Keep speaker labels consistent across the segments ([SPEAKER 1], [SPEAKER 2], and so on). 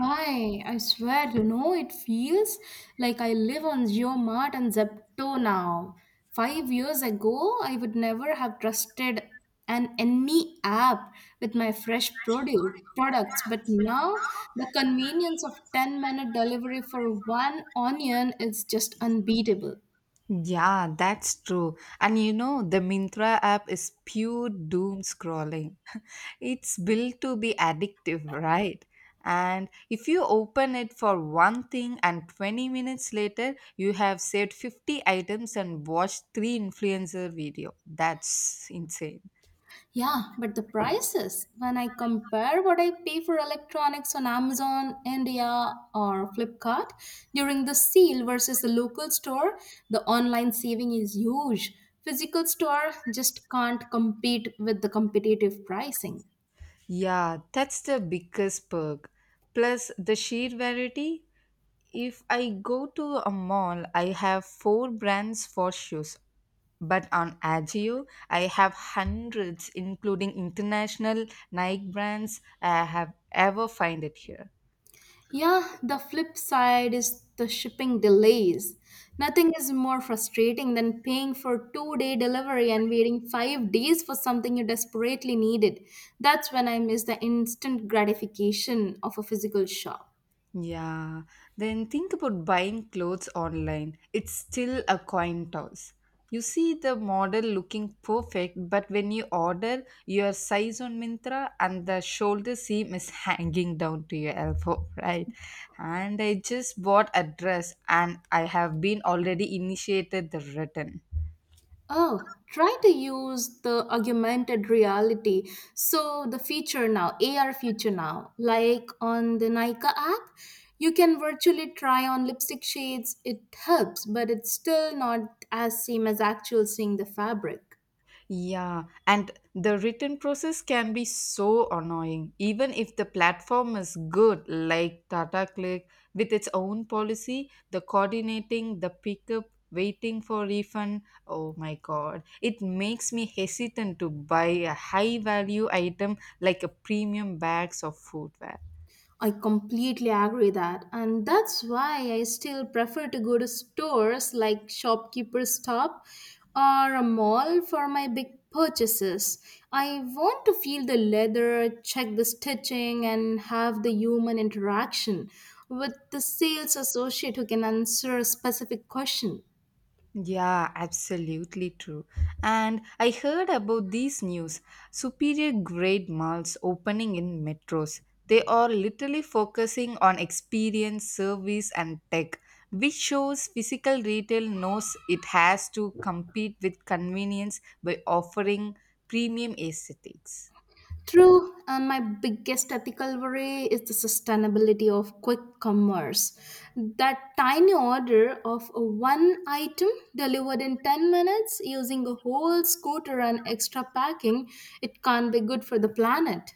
[SPEAKER 1] Hi, I swear, you know, it feels like I live on Geomart and Zepto now. 5 years ago, I would never have trusted an any app with my fresh produce products, but now the convenience of 10-minute delivery for one onion is just unbeatable.
[SPEAKER 2] Yeah, that's true. And the Mintra app is pure doom scrolling. It's built to be addictive, right? And if you open it for one thing and 20 minutes later, you have saved 50 items and watched three influencer video. That's insane.
[SPEAKER 1] Yeah, but the prices, when I compare what I pay for electronics on Amazon, India, or Flipkart during the sale versus the local store, the online saving is huge. Physical store just can't compete with the competitive pricing.
[SPEAKER 2] Yeah, that's the biggest perk. Plus the sheer variety. If I go to a mall, I have four brands for shoes. But on Agio, I have hundreds, including international Nike brands I have ever find it here.
[SPEAKER 1] Yeah, the flip side is the shipping delays. Nothing is more frustrating than paying for 2 day delivery and waiting 5 days for something you desperately needed. That's when I miss the instant gratification of a physical shop.
[SPEAKER 2] Yeah, then think about buying clothes online. It's still a coin toss. You see the model looking perfect, but when you order your size on Mintra and the shoulder seam is hanging down to your elbow, right? And I just bought a dress and I have been already initiated the return.
[SPEAKER 1] Oh, try to use the augmented reality. So the feature now, AR feature now, like on the Nika app, you can virtually try on lipstick shades. It helps, but it's still not as same as actual seeing the fabric.
[SPEAKER 2] Yeah, and the written process can be so annoying, even if the platform is good, like Tata Click with its own policy, the coordinating, the pickup, waiting for refund. Oh my god, it makes me hesitant to buy a high value item like a premium bags of footwear.
[SPEAKER 1] I completely agree that, and that's why I still prefer to go to stores like Shopkeeper's Stop or a mall for my big purchases. I want to feel the leather, check the stitching, and have the human interaction with the sales associate who can answer a specific question.
[SPEAKER 2] Yeah, absolutely true. And I heard about these news superior grade malls opening in metros. They are literally focusing on experience, service, and tech, which shows physical retail knows it has to compete with convenience by offering premium aesthetics.
[SPEAKER 1] True, and my biggest ethical worry is the sustainability of quick commerce. That tiny order of one item delivered in 10 minutes using a whole scooter and extra packing, it can't be good for the planet.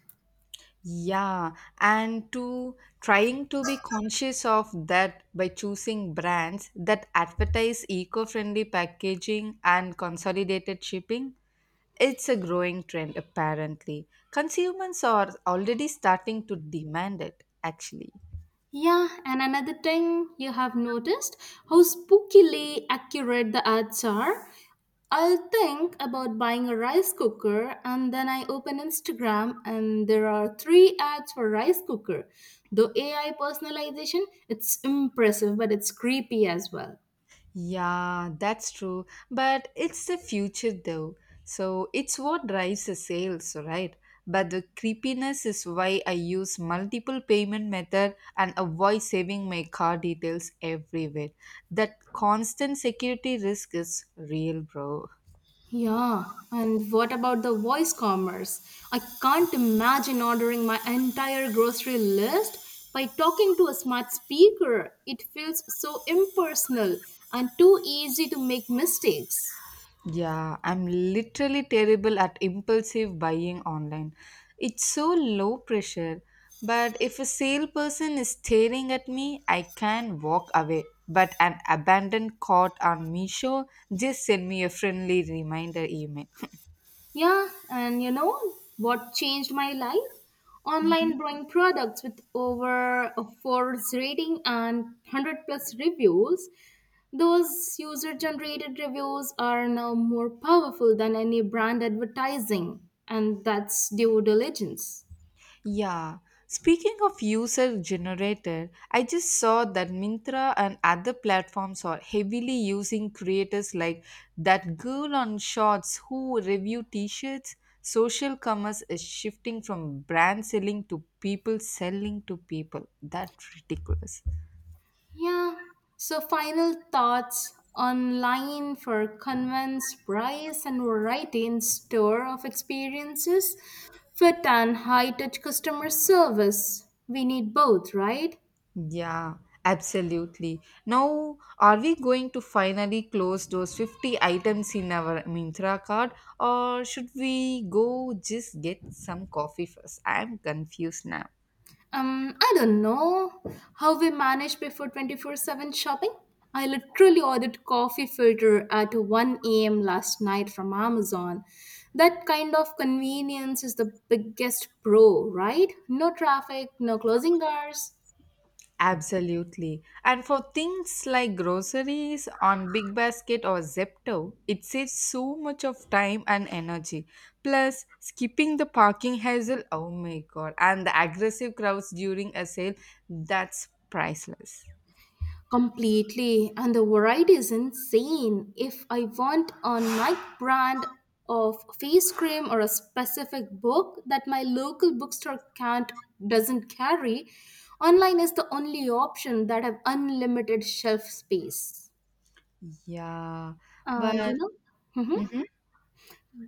[SPEAKER 2] Yeah, and to trying to be conscious of that by choosing brands that advertise eco friendly packaging and consolidated shipping. It's a growing trend, apparently. Consumers are already starting to demand it, actually.
[SPEAKER 1] Yeah, and another thing you have noticed how spookily accurate the ads are. I'll think about buying a rice cooker and then I open Instagram and there are three ads for rice cooker. Though AI personalization, it's impressive but it's creepy as well.
[SPEAKER 2] Yeah, that's true. But it's the future though. So it's what drives the sales, right? But the creepiness is why I use multiple payment method and avoid saving my car details everywhere. That constant security risk is real, bro.
[SPEAKER 1] Yeah, and what about the voice commerce? I can't imagine ordering my entire grocery list by talking to a smart speaker. It feels so impersonal and too easy to make mistakes.
[SPEAKER 2] Yeah, I'm literally terrible at impulsive buying online. It's so low pressure, but if a salesperson is staring at me, I can walk away. But an abandoned cart on Misho just send me a friendly reminder email.
[SPEAKER 1] Yeah, and you know what changed my life? Online drawing products with over a 4 rating and 100 plus reviews. Those user generated reviews are now more powerful than any brand advertising, and that's due diligence.
[SPEAKER 2] Yeah. Speaking of user generated, I just saw that Mintra and other platforms are heavily using creators like that girl on Shorts who review t shirts. Social commerce is shifting from brand selling to people selling to people. That's ridiculous.
[SPEAKER 1] Yeah. So, final thoughts online for convents, price, and variety in store of experiences, fit and high touch customer service. We need both, right?
[SPEAKER 2] Yeah, absolutely. Now, are we going to finally close those 50 items in our Mintra card or should we go just get some coffee first? I'm confused now.
[SPEAKER 1] I don't know how we manage before 24/7 shopping. I literally ordered coffee filter at 1 a.m. last night from Amazon. That kind of convenience is the biggest pro, right? No traffic, no closing hours.
[SPEAKER 2] Absolutely. And for things like groceries on Big Basket or Zepto, it saves so much of time and energy. Plus, skipping the parking hassle, oh my god, and the aggressive crowds during a sale, that's priceless.
[SPEAKER 1] Completely, and the variety is insane. If I want a night brand of face cream or a specific book that my local bookstore can't doesn't carry, online is the only option that have unlimited shelf space.
[SPEAKER 2] Yeah,
[SPEAKER 1] And
[SPEAKER 2] but
[SPEAKER 1] you know, mhm.
[SPEAKER 2] mhm.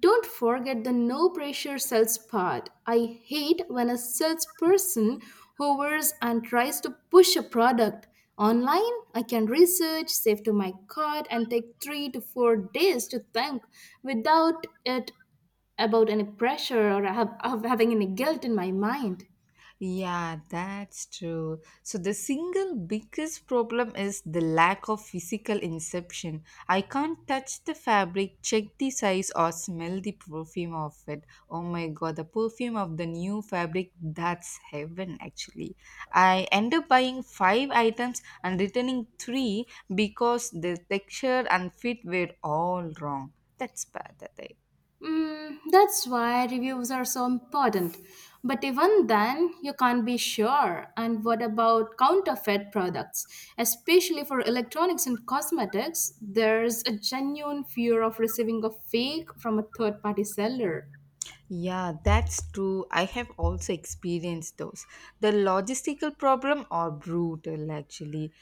[SPEAKER 1] Don't forget the no pressure sales part. I hate when a salesperson hovers and tries to push a product. Online, I can research, save to my cart, and take 3 to 4 days to think without it about any pressure or of having any guilt in my mind.
[SPEAKER 2] Yeah, that's true. So the single biggest problem is the lack of physical inception. I can't touch the fabric, check the size, or smell the perfume of it. Oh my god, the perfume of the new fabric, that's heaven actually. I end up buying five items and returning three because the texture and fit were all wrong. That's bad, I think.
[SPEAKER 1] Mm, that's why reviews are so important. But even then, you can't be sure. And what about counterfeit products? Especially for electronics and cosmetics, there's a genuine fear of receiving a fake from a third party seller.
[SPEAKER 2] Yeah, that's true. I have also experienced those. The logistical problem are brutal actually.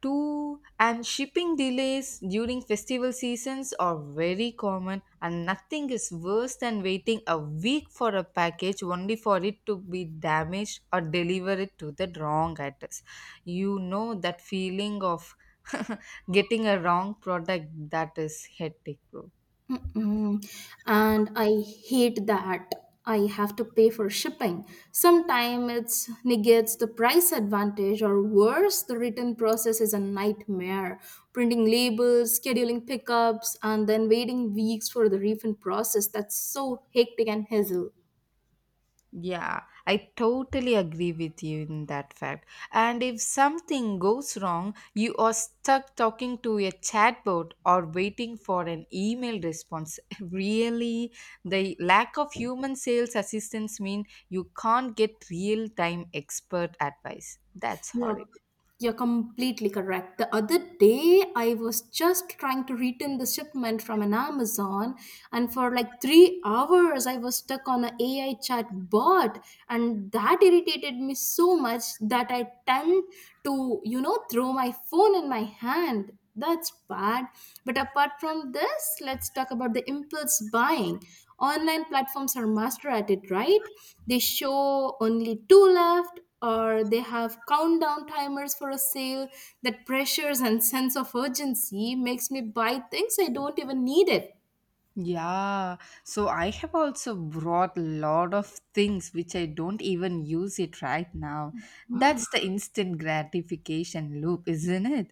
[SPEAKER 2] Two and shipping delays during festival seasons are very common and nothing is worse than waiting a week for a package only for it to be damaged or delivered to the wrong address. You know that feeling of getting a wrong product that is hectic, bro.
[SPEAKER 1] Mm-mm. And I hate that I have to pay for shipping. Sometimes it's negates the price advantage, or worse, the return process is a nightmare. Printing labels, scheduling pickups, and then waiting weeks for the refund process. That's so hectic and hassle.
[SPEAKER 2] Yeah, I totally agree with you in that fact. And if something goes wrong, you are stuck talking to a chatbot or waiting for an email response. Really, the lack of human sales assistance mean you can't get real-time expert advice. That's
[SPEAKER 1] You are
[SPEAKER 2] horrible.
[SPEAKER 1] you're completely correct. The other day, I was just trying to return the shipment from an Amazon, and for like 3 hours, I was stuck on an AI chat bot, and that irritated me so much that I tend to, you know, throw my phone in my hand. That's bad. But apart from this, let's talk about the impulse buying. Online platforms are master at it, right? They show only two left or they have countdown timers for a sale that pressures and sense of urgency makes me buy things I don't even need it.
[SPEAKER 2] Yeah, so I have also brought lot of things which I don't even use it right now. That's the instant gratification loop, isn't it?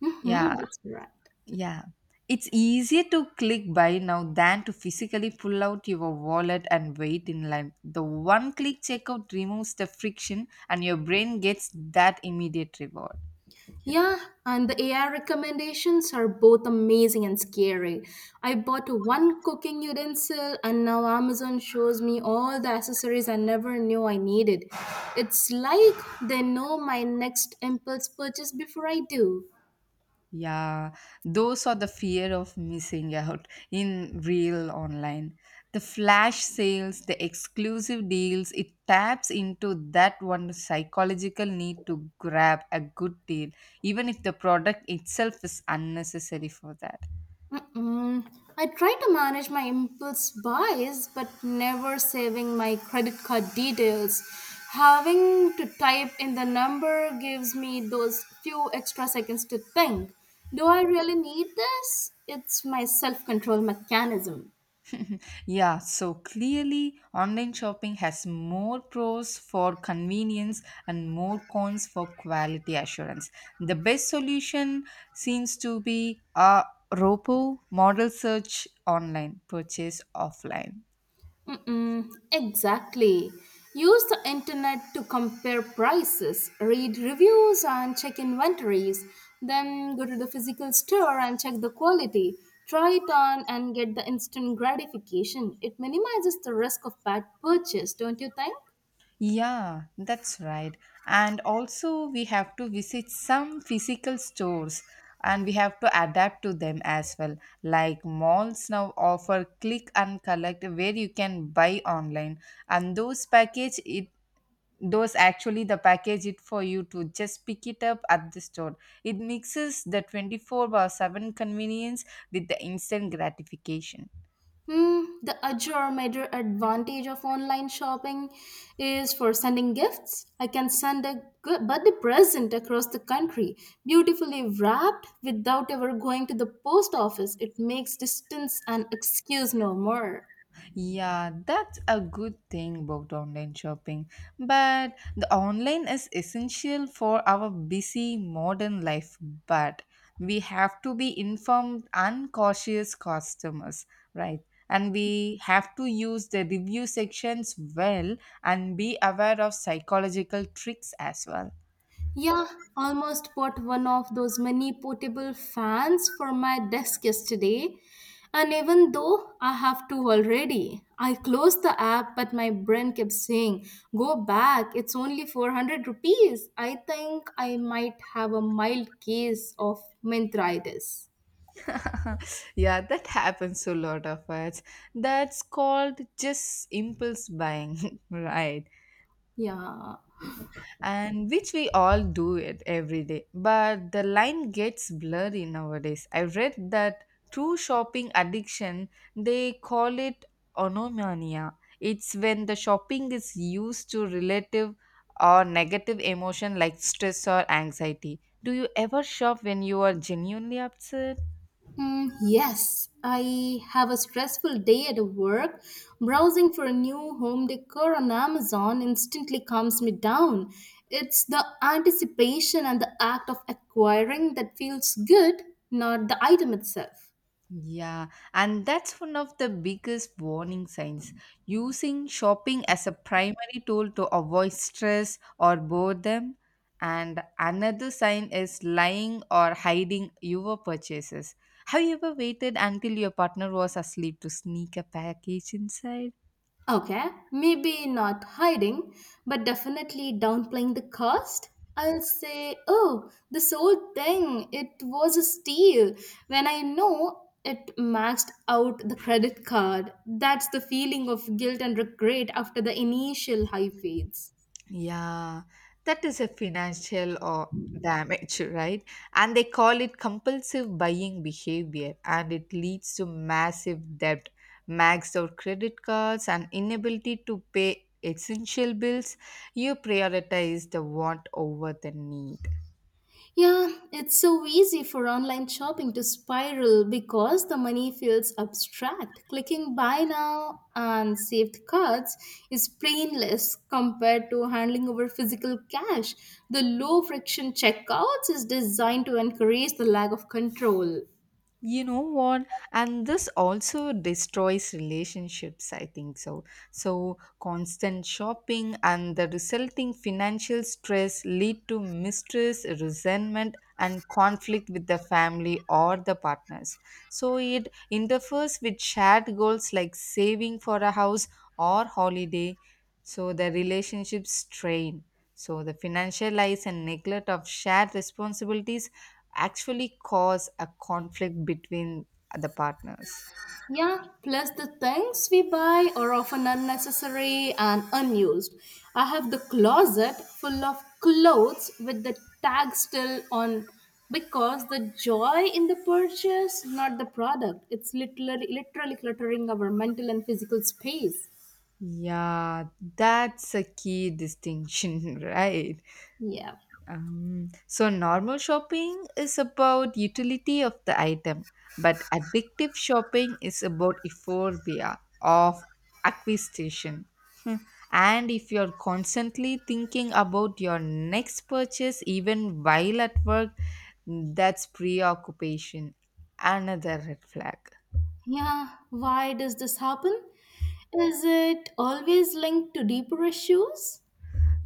[SPEAKER 1] Hmm,
[SPEAKER 2] Yeah,
[SPEAKER 1] that's right.
[SPEAKER 2] yeah. It's easier to click buy now than to physically pull out your wallet and wait in line. The one click checkout removes the friction and your brain gets that immediate reward.
[SPEAKER 1] Yeah, and the AI recommendations are both amazing and scary. I bought one cooking utensil and now Amazon shows me all the accessories I never knew I needed. It's like they know my next impulse purchase before I do.
[SPEAKER 2] Yeah, those are the fear of missing out in real online. The flash sales, the exclusive deals, it taps into that one psychological need to grab a good deal, even if the product itself is unnecessary for that.
[SPEAKER 1] Mm-mm. I try to manage my impulse buys, but never saving my credit card details. Having to type in the number gives me those few extra seconds to think. Do I really need this? It's my self control mechanism.
[SPEAKER 2] Yeah, so clearly online shopping has more pros for convenience and more cons for quality assurance. The best solution seems to be a Ropo model search online, purchase offline.
[SPEAKER 1] Mm-mm, exactly. Use the internet to compare prices, read reviews, and check inventories. Then go to the physical store and check the quality. Try it on and get the instant gratification. It minimizes the risk of bad purchase, don't you think?
[SPEAKER 2] Yeah, that's right. And also, we have to visit some physical stores and we have to adapt to them as well. Like malls now offer click and collect where you can buy online, and those actually the package it for you to just pick it up at the store. It mixes the 24/7 convenience with the instant gratification.
[SPEAKER 1] Hmm, the other major advantage of online shopping is for sending gifts. I can send a good birthday present across the country, beautifully wrapped without ever going to the post office. It makes distance an excuse no more.
[SPEAKER 2] Yeah, that's a good thing about online shopping. But the online is essential for our busy modern life, but we have to be informed and cautious customers, right? And we have to use the review sections well and be aware of psychological tricks as well.
[SPEAKER 1] Yeah, almost bought one of those mini portable fans for my desk yesterday. And even though I have two already, I closed the app, but my brain kept saying, "Go back, it's only 400 rupees." I think I might have a mild case of menthritis.
[SPEAKER 2] Yeah, that happens to a lot of us. That's called just impulse buying, right?
[SPEAKER 1] Yeah.
[SPEAKER 2] And which we all do it every day. But the line gets blurry nowadays. I read that true shopping addiction, they call it onomania. It's when the shopping is used to relative or negative emotion like stress or anxiety. Do you ever shop when you are genuinely upset?
[SPEAKER 1] Mm, yes, I have a stressful day at work. Browsing for a new home decor on Amazon instantly calms me down. It's the anticipation and the act of acquiring that feels good, not the item itself.
[SPEAKER 2] Yeah, and that's one of the biggest warning signs. Using shopping as a primary tool to avoid stress or boredom. And another sign is lying or hiding your purchases. Have you ever waited until your partner was asleep to sneak a package inside?
[SPEAKER 1] Okay, maybe not hiding, but definitely downplaying the cost. I'll say, oh, this whole thing, it was a steal. When I know it maxed out the credit card, that's the feeling of guilt and regret after the initial high fades.
[SPEAKER 2] Yeah, that is a financial or damage, right? And they call it compulsive buying behavior, and it leads to massive debt, maxed out credit cards, and inability to pay essential bills. You prioritize the want over the need.
[SPEAKER 1] Yeah, it's so easy for online shopping to spiral because the money feels abstract. Clicking buy now and saved cards is painless compared to handling over physical cash. The low friction checkouts is designed to encourage the lack of control.
[SPEAKER 2] You know what? And this also destroys relationships, I think so. So constant shopping and the resulting financial stress lead to mistress resentment and conflict with the family or the partners. So it interferes with shared goals like saving for a house or holiday. So the relationship strain, so, the financial and neglect of shared responsibilities actually cause a conflict between the partners.
[SPEAKER 1] Yeah, plus the things we buy are often unnecessary and unused. I have the closet full of clothes with the tag still on because the joy in the purchase, not the product. It's literally cluttering our mental and physical space.
[SPEAKER 2] Yeah, that's a key distinction, right?
[SPEAKER 1] Yeah.
[SPEAKER 2] So, normal shopping is about utility of the item, but addictive shopping is about euphoria of acquisition. And if you're constantly thinking about your next purchase, even while at work, that's preoccupation, another red flag.
[SPEAKER 1] Yeah, why does this happen? Is it always linked to deeper issues?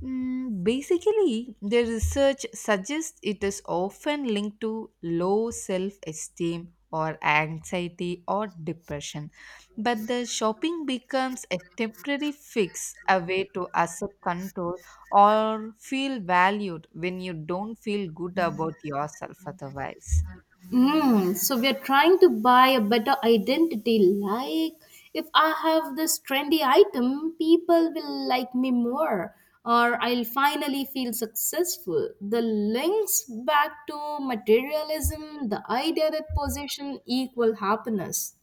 [SPEAKER 2] Mm, basically, the research suggests it is often linked to low self esteem or anxiety or depression. But the shopping becomes a temporary fix, a way to accept control or feel valued when you don't feel good about yourself otherwise.
[SPEAKER 1] Mm, so we are trying to buy a better identity. Like, if I have this trendy item, people will like me more, or I'll finally feel successful. The links back to materialism, the idea that possession equal happiness.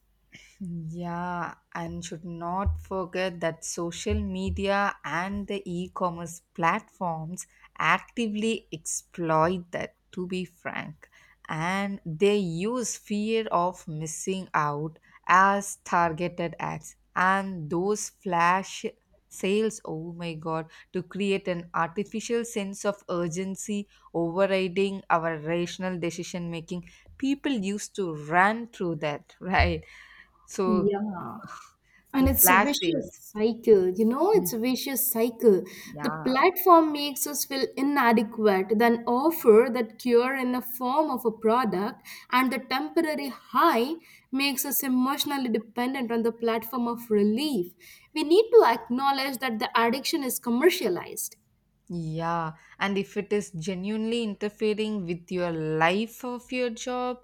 [SPEAKER 2] Yeah, and should not forget that social media and the e commerce platforms actively exploit that, to be frank. And they use fear of missing out as targeted ads. And those flash sales, oh my god, to create an artificial sense of urgency, overriding our rational decision making. People used to run through that, right? So
[SPEAKER 1] Yeah. And
[SPEAKER 2] the
[SPEAKER 1] it's a
[SPEAKER 2] flash
[SPEAKER 1] vicious
[SPEAKER 2] sales.
[SPEAKER 1] cycle, you know, it's
[SPEAKER 2] Mm.
[SPEAKER 1] a vicious cycle. The
[SPEAKER 2] Yeah,
[SPEAKER 1] platform makes us feel inadequate, then offer that cure in the form of a product, and the temporary high makes us emotionally dependent on the platform of relief. We need to acknowledge that the addiction is commercialized.
[SPEAKER 2] yeah. And if it is genuinely interfering with your life of your job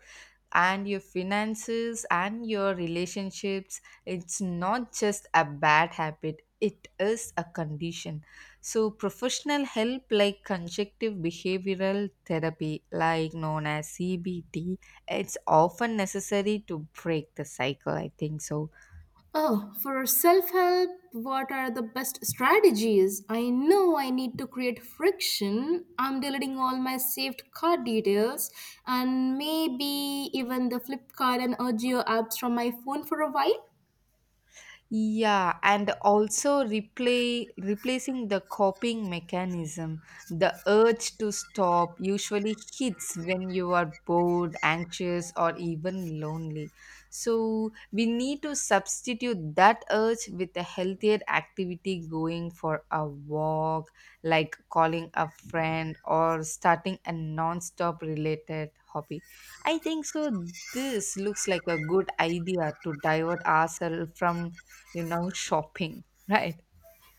[SPEAKER 2] and your finances and your relationships, it's not just a bad habit, it is a condition. So, professional help like conjunctive behavioral therapy, like known as CBT, it's often necessary to break the cycle, I think so.
[SPEAKER 1] Oh, for self help, what are the best strategies? I know I need to create friction. I'm deleting all my saved card details and maybe even the Flipkart and Urgio apps from my phone for a while.
[SPEAKER 2] Yeah, and also replay replacing the coping mechanism. The urge to stop usually hits when you are bored, anxious, or even lonely. So we need to substitute that urge with a healthier activity going for a walk, like calling a friend or starting a non-stop related hobby. I think so this looks like a good idea to divert ourselves from shopping, right?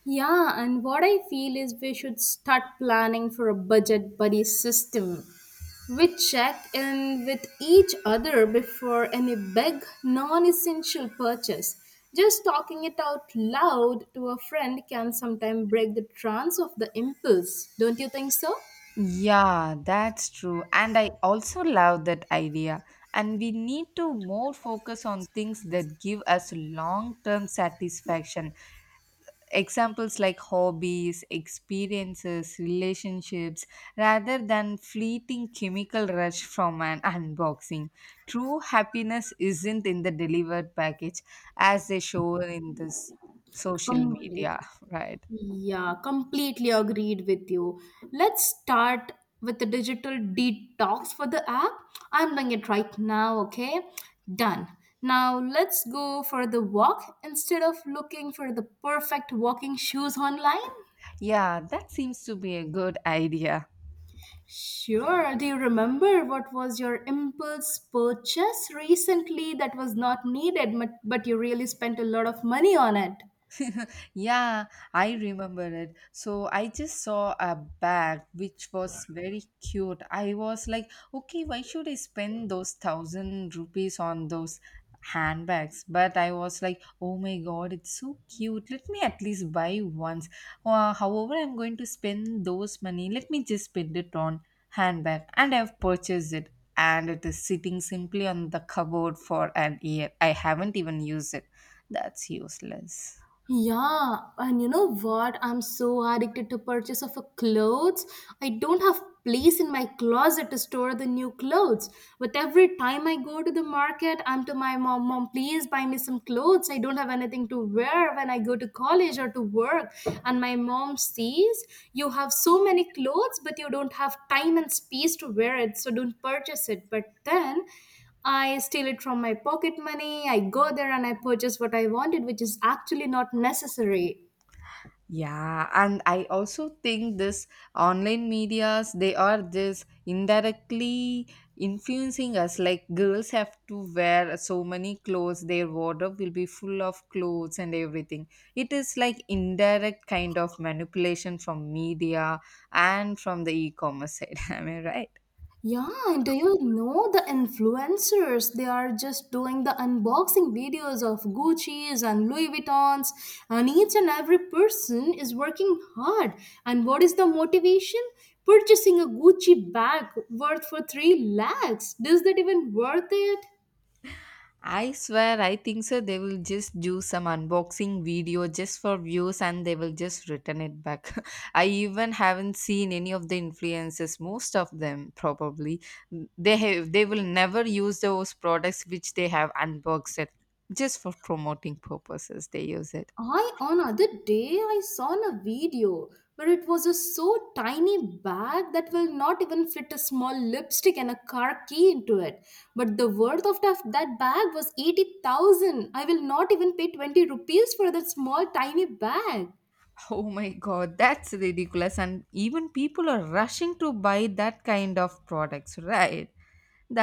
[SPEAKER 1] Yeah, and what I feel is we should start planning for a budget buddy system. We check in with each other before any big non essential purchase. Just talking it out loud to a friend can sometimes break the trance of the impulse, don't you think so?
[SPEAKER 2] Yeah, that's true. And I also love that idea. And we need to more focus on things that give us long-term satisfaction. Examples like hobbies, experiences, relationships, rather than fleeting chemical rush from an unboxing. True happiness isn't in the delivered package as they show in this social
[SPEAKER 1] Complete.
[SPEAKER 2] media, right?
[SPEAKER 1] Yeah, completely agreed with you. Let's start with the digital detox for the app. I'm doing it right now, okay? Done. Now let's go for the walk instead of looking for the perfect walking shoes online.
[SPEAKER 2] Yeah, that seems to be a good idea.
[SPEAKER 1] Sure. Do you remember what was your impulse purchase recently that was not needed, but you really spent a lot of money on it?
[SPEAKER 2] Yeah, I remember it. So I just saw a bag which was very cute. I was like, okay, why should I spend those 1,000 rupees on those handbags? But I was like, oh my god, it's so cute. Let me at least buy once. However, I'm going to spend those money. Let me just spend it on handbag. And I've purchased it. And it is sitting simply on the cupboard for an year. I haven't even used it. That's useless.
[SPEAKER 1] Yeah, and you know what? I'm so addicted to purchase of a clothes. I don't have place in my closet to store the new clothes. But every time I go to the market, I'm to my mom, "Mom, please buy me some clothes. I don't have anything to wear when I go to college or to work." And my mom sees you have so many clothes, but you don't have time and space to wear it, so don't purchase it. But then I steal it from my pocket money. I go there and I purchase what I wanted, which is actually not necessary.
[SPEAKER 2] Yeah, and I also think this online medias they are this indirectly influencing us. Like girls have to wear so many clothes, their wardrobe will be full of clothes and everything. It is like indirect kind of manipulation from media and from the e-commerce side. Am I right?
[SPEAKER 1] Yeah, and do you know the influencers? They are just doing the unboxing videos of Gucci's and Louis Vuittons, and each and every person is working hard. And what is the motivation? Purchasing a Gucci bag worth for 3 lakhs. Does that even worth it?
[SPEAKER 2] I swear, I think so. They will just do some unboxing video just for views and they will just return it back. I even haven't seen any of the influencers, most of them probably. They will never use those products which they have unboxed it just for promoting purposes. They use it.
[SPEAKER 1] I on other day I saw in a video where it was a so tiny bag that will not even fit a small lipstick and a car key into it. But the worth of that bag was 80,000. I will not even pay 20 rupees for that small tiny bag.
[SPEAKER 2] Oh my God, that's ridiculous. And even people are rushing to buy that kind of products, right?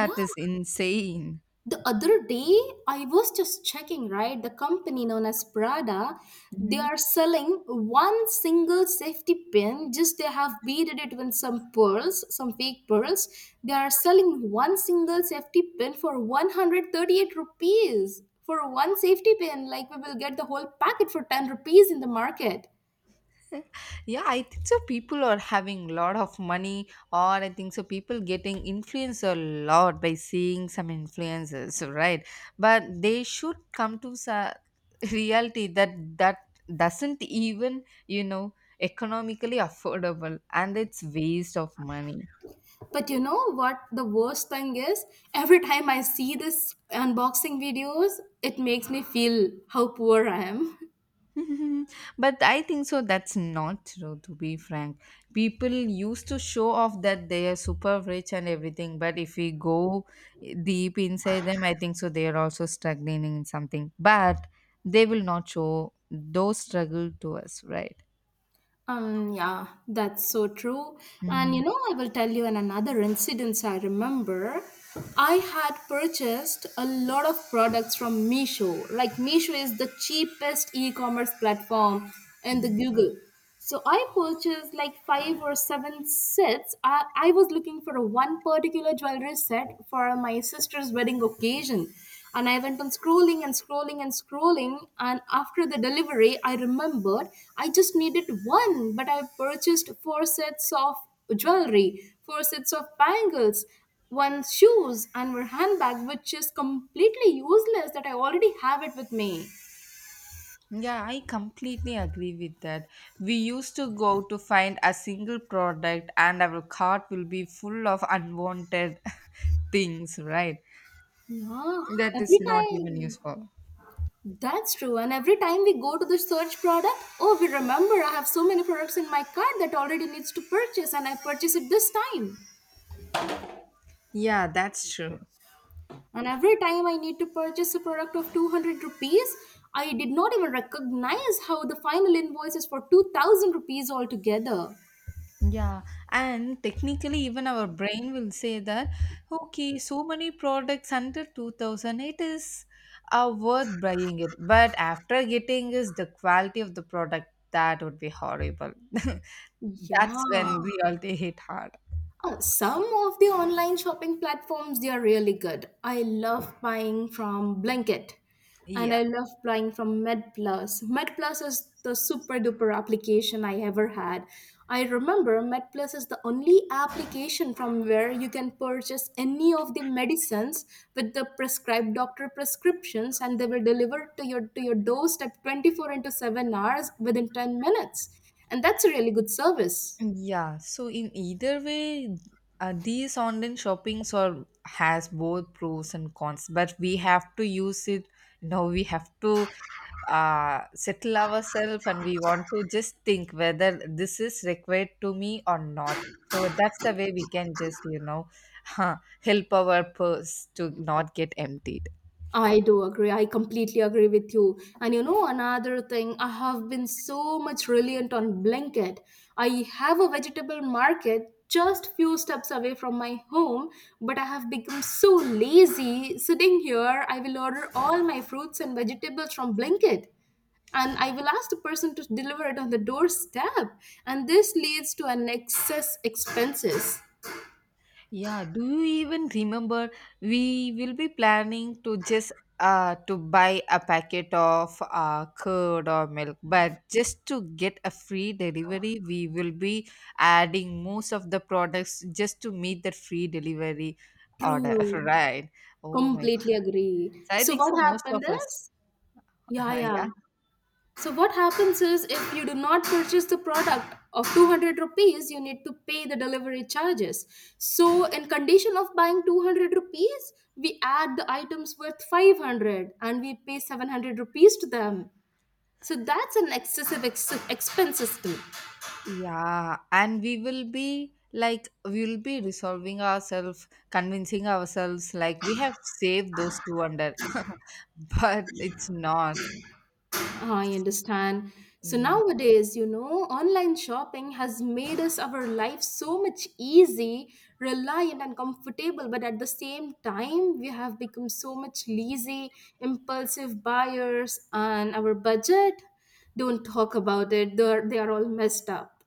[SPEAKER 1] Yeah,
[SPEAKER 2] is insane.
[SPEAKER 1] the other day I was just checking, right? The company known as Prada, they are selling one single safety pin. Just they have beaded it with some pearls, some fake pearls. They are selling one single safety pin for 138 rupees. For one safety pin, like we will get the whole packet for 10 rupees in the market.
[SPEAKER 2] Yeah, I think so people are having a lot of money, or I think so people getting influenced a lot by seeing some influences, right? But they should come to reality, that that doesn't even, economically affordable, and it's waste of money.
[SPEAKER 1] But you know what the worst thing is? Every time I see this unboxing videos, it makes me feel how poor I am.
[SPEAKER 2] But I think so that's not true, to be frank. People used to show off that they are super rich and everything, but if we go deep inside them, I think so they are also struggling in something. But they will not show those struggle to us, right?
[SPEAKER 1] Yeah, that's so true. And you
[SPEAKER 2] Mhm.
[SPEAKER 1] know, I will tell you an another incident I remember. I had purchased a lot of products from Meesho. Like Meesho is the cheapest e-commerce platform in the
[SPEAKER 2] Mm.
[SPEAKER 1] Google. So I purchased like five or seven sets. I was looking for a one particular jewelry set for my sister's wedding occasion, and I went on scrolling and scrolling and scrolling. And after the delivery, I remembered I just needed one, but I purchased four sets of jewelry, four sets of bangles, one shoes and one handbag, which is completely useless, that I already have it with me.
[SPEAKER 2] Yeah, I completely agree with that. We used to go to find a single product, and our cart will be full of unwanted things, right?
[SPEAKER 1] Yeah,
[SPEAKER 2] That is
[SPEAKER 1] every
[SPEAKER 2] not even
[SPEAKER 1] time.
[SPEAKER 2] useful.
[SPEAKER 1] That's true. And every time we go to the search product, oh, we remember I have so many products in my cart that already needs to purchase, and I purchase it this time.
[SPEAKER 2] Yeah, that's true.
[SPEAKER 1] And every time I need to purchase a product of 200 rupees, I did not even recognize how the final invoice is for 2000 rupees altogether.
[SPEAKER 2] Yeah, and technically, even our brain will say that, okay, so many products under 2000, it is worth buying it. But after getting is the quality of the product, that would be horrible. That's
[SPEAKER 1] Yeah.
[SPEAKER 2] when we all take hit hard.
[SPEAKER 1] Oh, some of the online shopping platforms, they are really good. I love buying from Blinkit and
[SPEAKER 2] Yeah.
[SPEAKER 1] I love buying from MedPlus. MedPlus is the super duper application I ever had. I remember MedPlus is the only application from where you can purchase any of the medicines with the prescribed doctor prescriptions, and they will deliver to your doorstep 24 into 7 hours within 10 minutes. And that's a really good service.
[SPEAKER 2] Yeah, so in either way, these online shoppings are has both pros and cons, but we have to use it. Now we have to settle ourselves, and we want to just think whether this is required to me or not. So that's the way we can just, you know, help our purse to not get emptied.
[SPEAKER 1] I do agree. I completely agree with you. And you know, another thing, I have been so much reliant on Blinkit. I have a vegetable market just few steps away from my home, but I have become so lazy sitting here. I will order all my fruits and vegetables from Blinkit and I will ask the person to deliver it on the doorstep. And this leads to an excess expenses.
[SPEAKER 2] Yeah, do you even remember we will be planning to just to buy a packet of curd or milk, but just to get a free delivery, we will be adding most of the products just to meet the free delivery order,
[SPEAKER 1] True.
[SPEAKER 2] right? Oh my God.
[SPEAKER 1] Completely agree.
[SPEAKER 2] So I
[SPEAKER 1] So
[SPEAKER 2] think
[SPEAKER 1] what
[SPEAKER 2] so most of
[SPEAKER 1] happened
[SPEAKER 2] us,
[SPEAKER 1] is, yeah, yeah.
[SPEAKER 2] yeah.
[SPEAKER 1] So what happens is if you do not purchase the product of 200 rupees, you need to pay the delivery charges. So in condition of buying 200 rupees, we add the items worth 500 and we pay 700 rupees to them. So that's an excessive expense system.
[SPEAKER 2] Yeah, and we will be like, we will be resolving ourselves, convincing ourselves like we have saved those 200, but it's not.
[SPEAKER 1] I understand. So
[SPEAKER 2] Mm.
[SPEAKER 1] nowadays, you know, online shopping has made us our life so much easy, reliant and comfortable, but at the same time, we have become so much lazy, impulsive buyers and our budget. Don't talk about it. They are all messed up.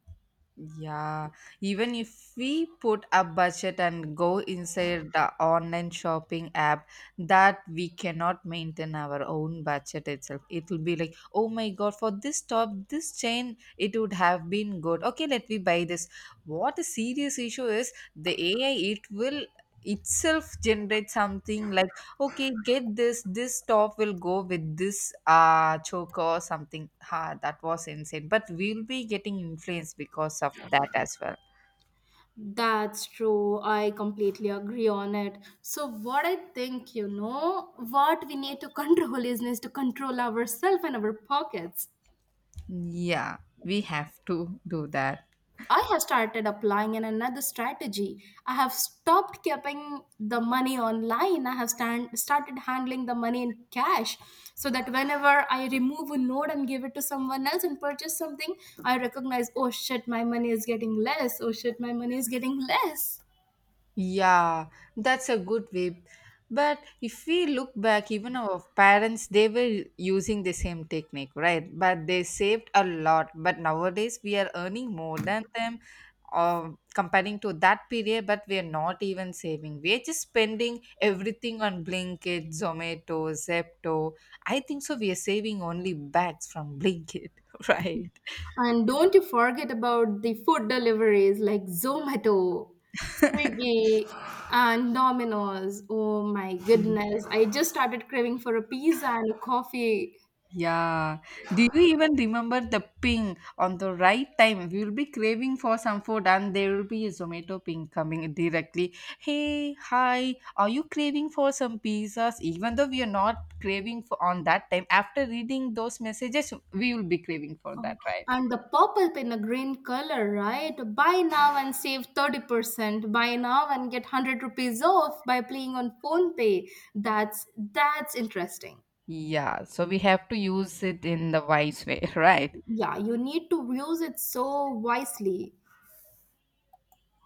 [SPEAKER 2] Yeah, even if we put a budget and go inside the online shopping app, that we cannot maintain our own budget itself. It will be like, oh my God, for this top, this chain, it would have been good. Okay, let me buy this. What a serious issue is the AI, it will itself generate something like, okay, get this, this top will go with this choker or something. Ha, that was insane, but we'll be getting influenced because of that as well.
[SPEAKER 1] That's true. I completely agree on it. So what I think, you know, what we need to control is to control ourselves and our pockets.
[SPEAKER 2] Yeah, we have to do that.
[SPEAKER 1] I have started applying in another strategy. I have stopped keeping the money online. I have started handling the money in cash, so that whenever I remove a note and give it to someone else and purchase something, I recognize, oh shit, my money is getting less. Oh shit, my money is getting less.
[SPEAKER 2] Yeah, that's a good way. But if we look back, even our parents, they were using the same technique, right? But they saved a lot. But nowadays, we are earning more than them, comparing to that period, but we are not even saving. We are just spending everything on Blinkit, Zomato, Zepto. I think so. We are saving only bags from Blinkit, right?
[SPEAKER 1] And don't you forget about the food deliveries like Zomato, Swiggy, and Domino's. Oh my goodness. I just started craving for a pizza and a coffee.
[SPEAKER 2] Yeah. Do you even remember the ping on the right time? We will be craving for some food and there will be a Zomato ping coming directly. Hey, hi, are you craving for some pizzas? Even though we are not craving for on that time, after reading those messages, we will be craving for
[SPEAKER 1] Oh,
[SPEAKER 2] that, right?
[SPEAKER 1] and the purple pin, a green color, right? Buy now and save 30%. Buy now and get 100 rupees off by playing on phone pay. That's interesting.
[SPEAKER 2] Yeah. So we have to use it in the wise way, right?
[SPEAKER 1] Yeah, you need to use it so wisely.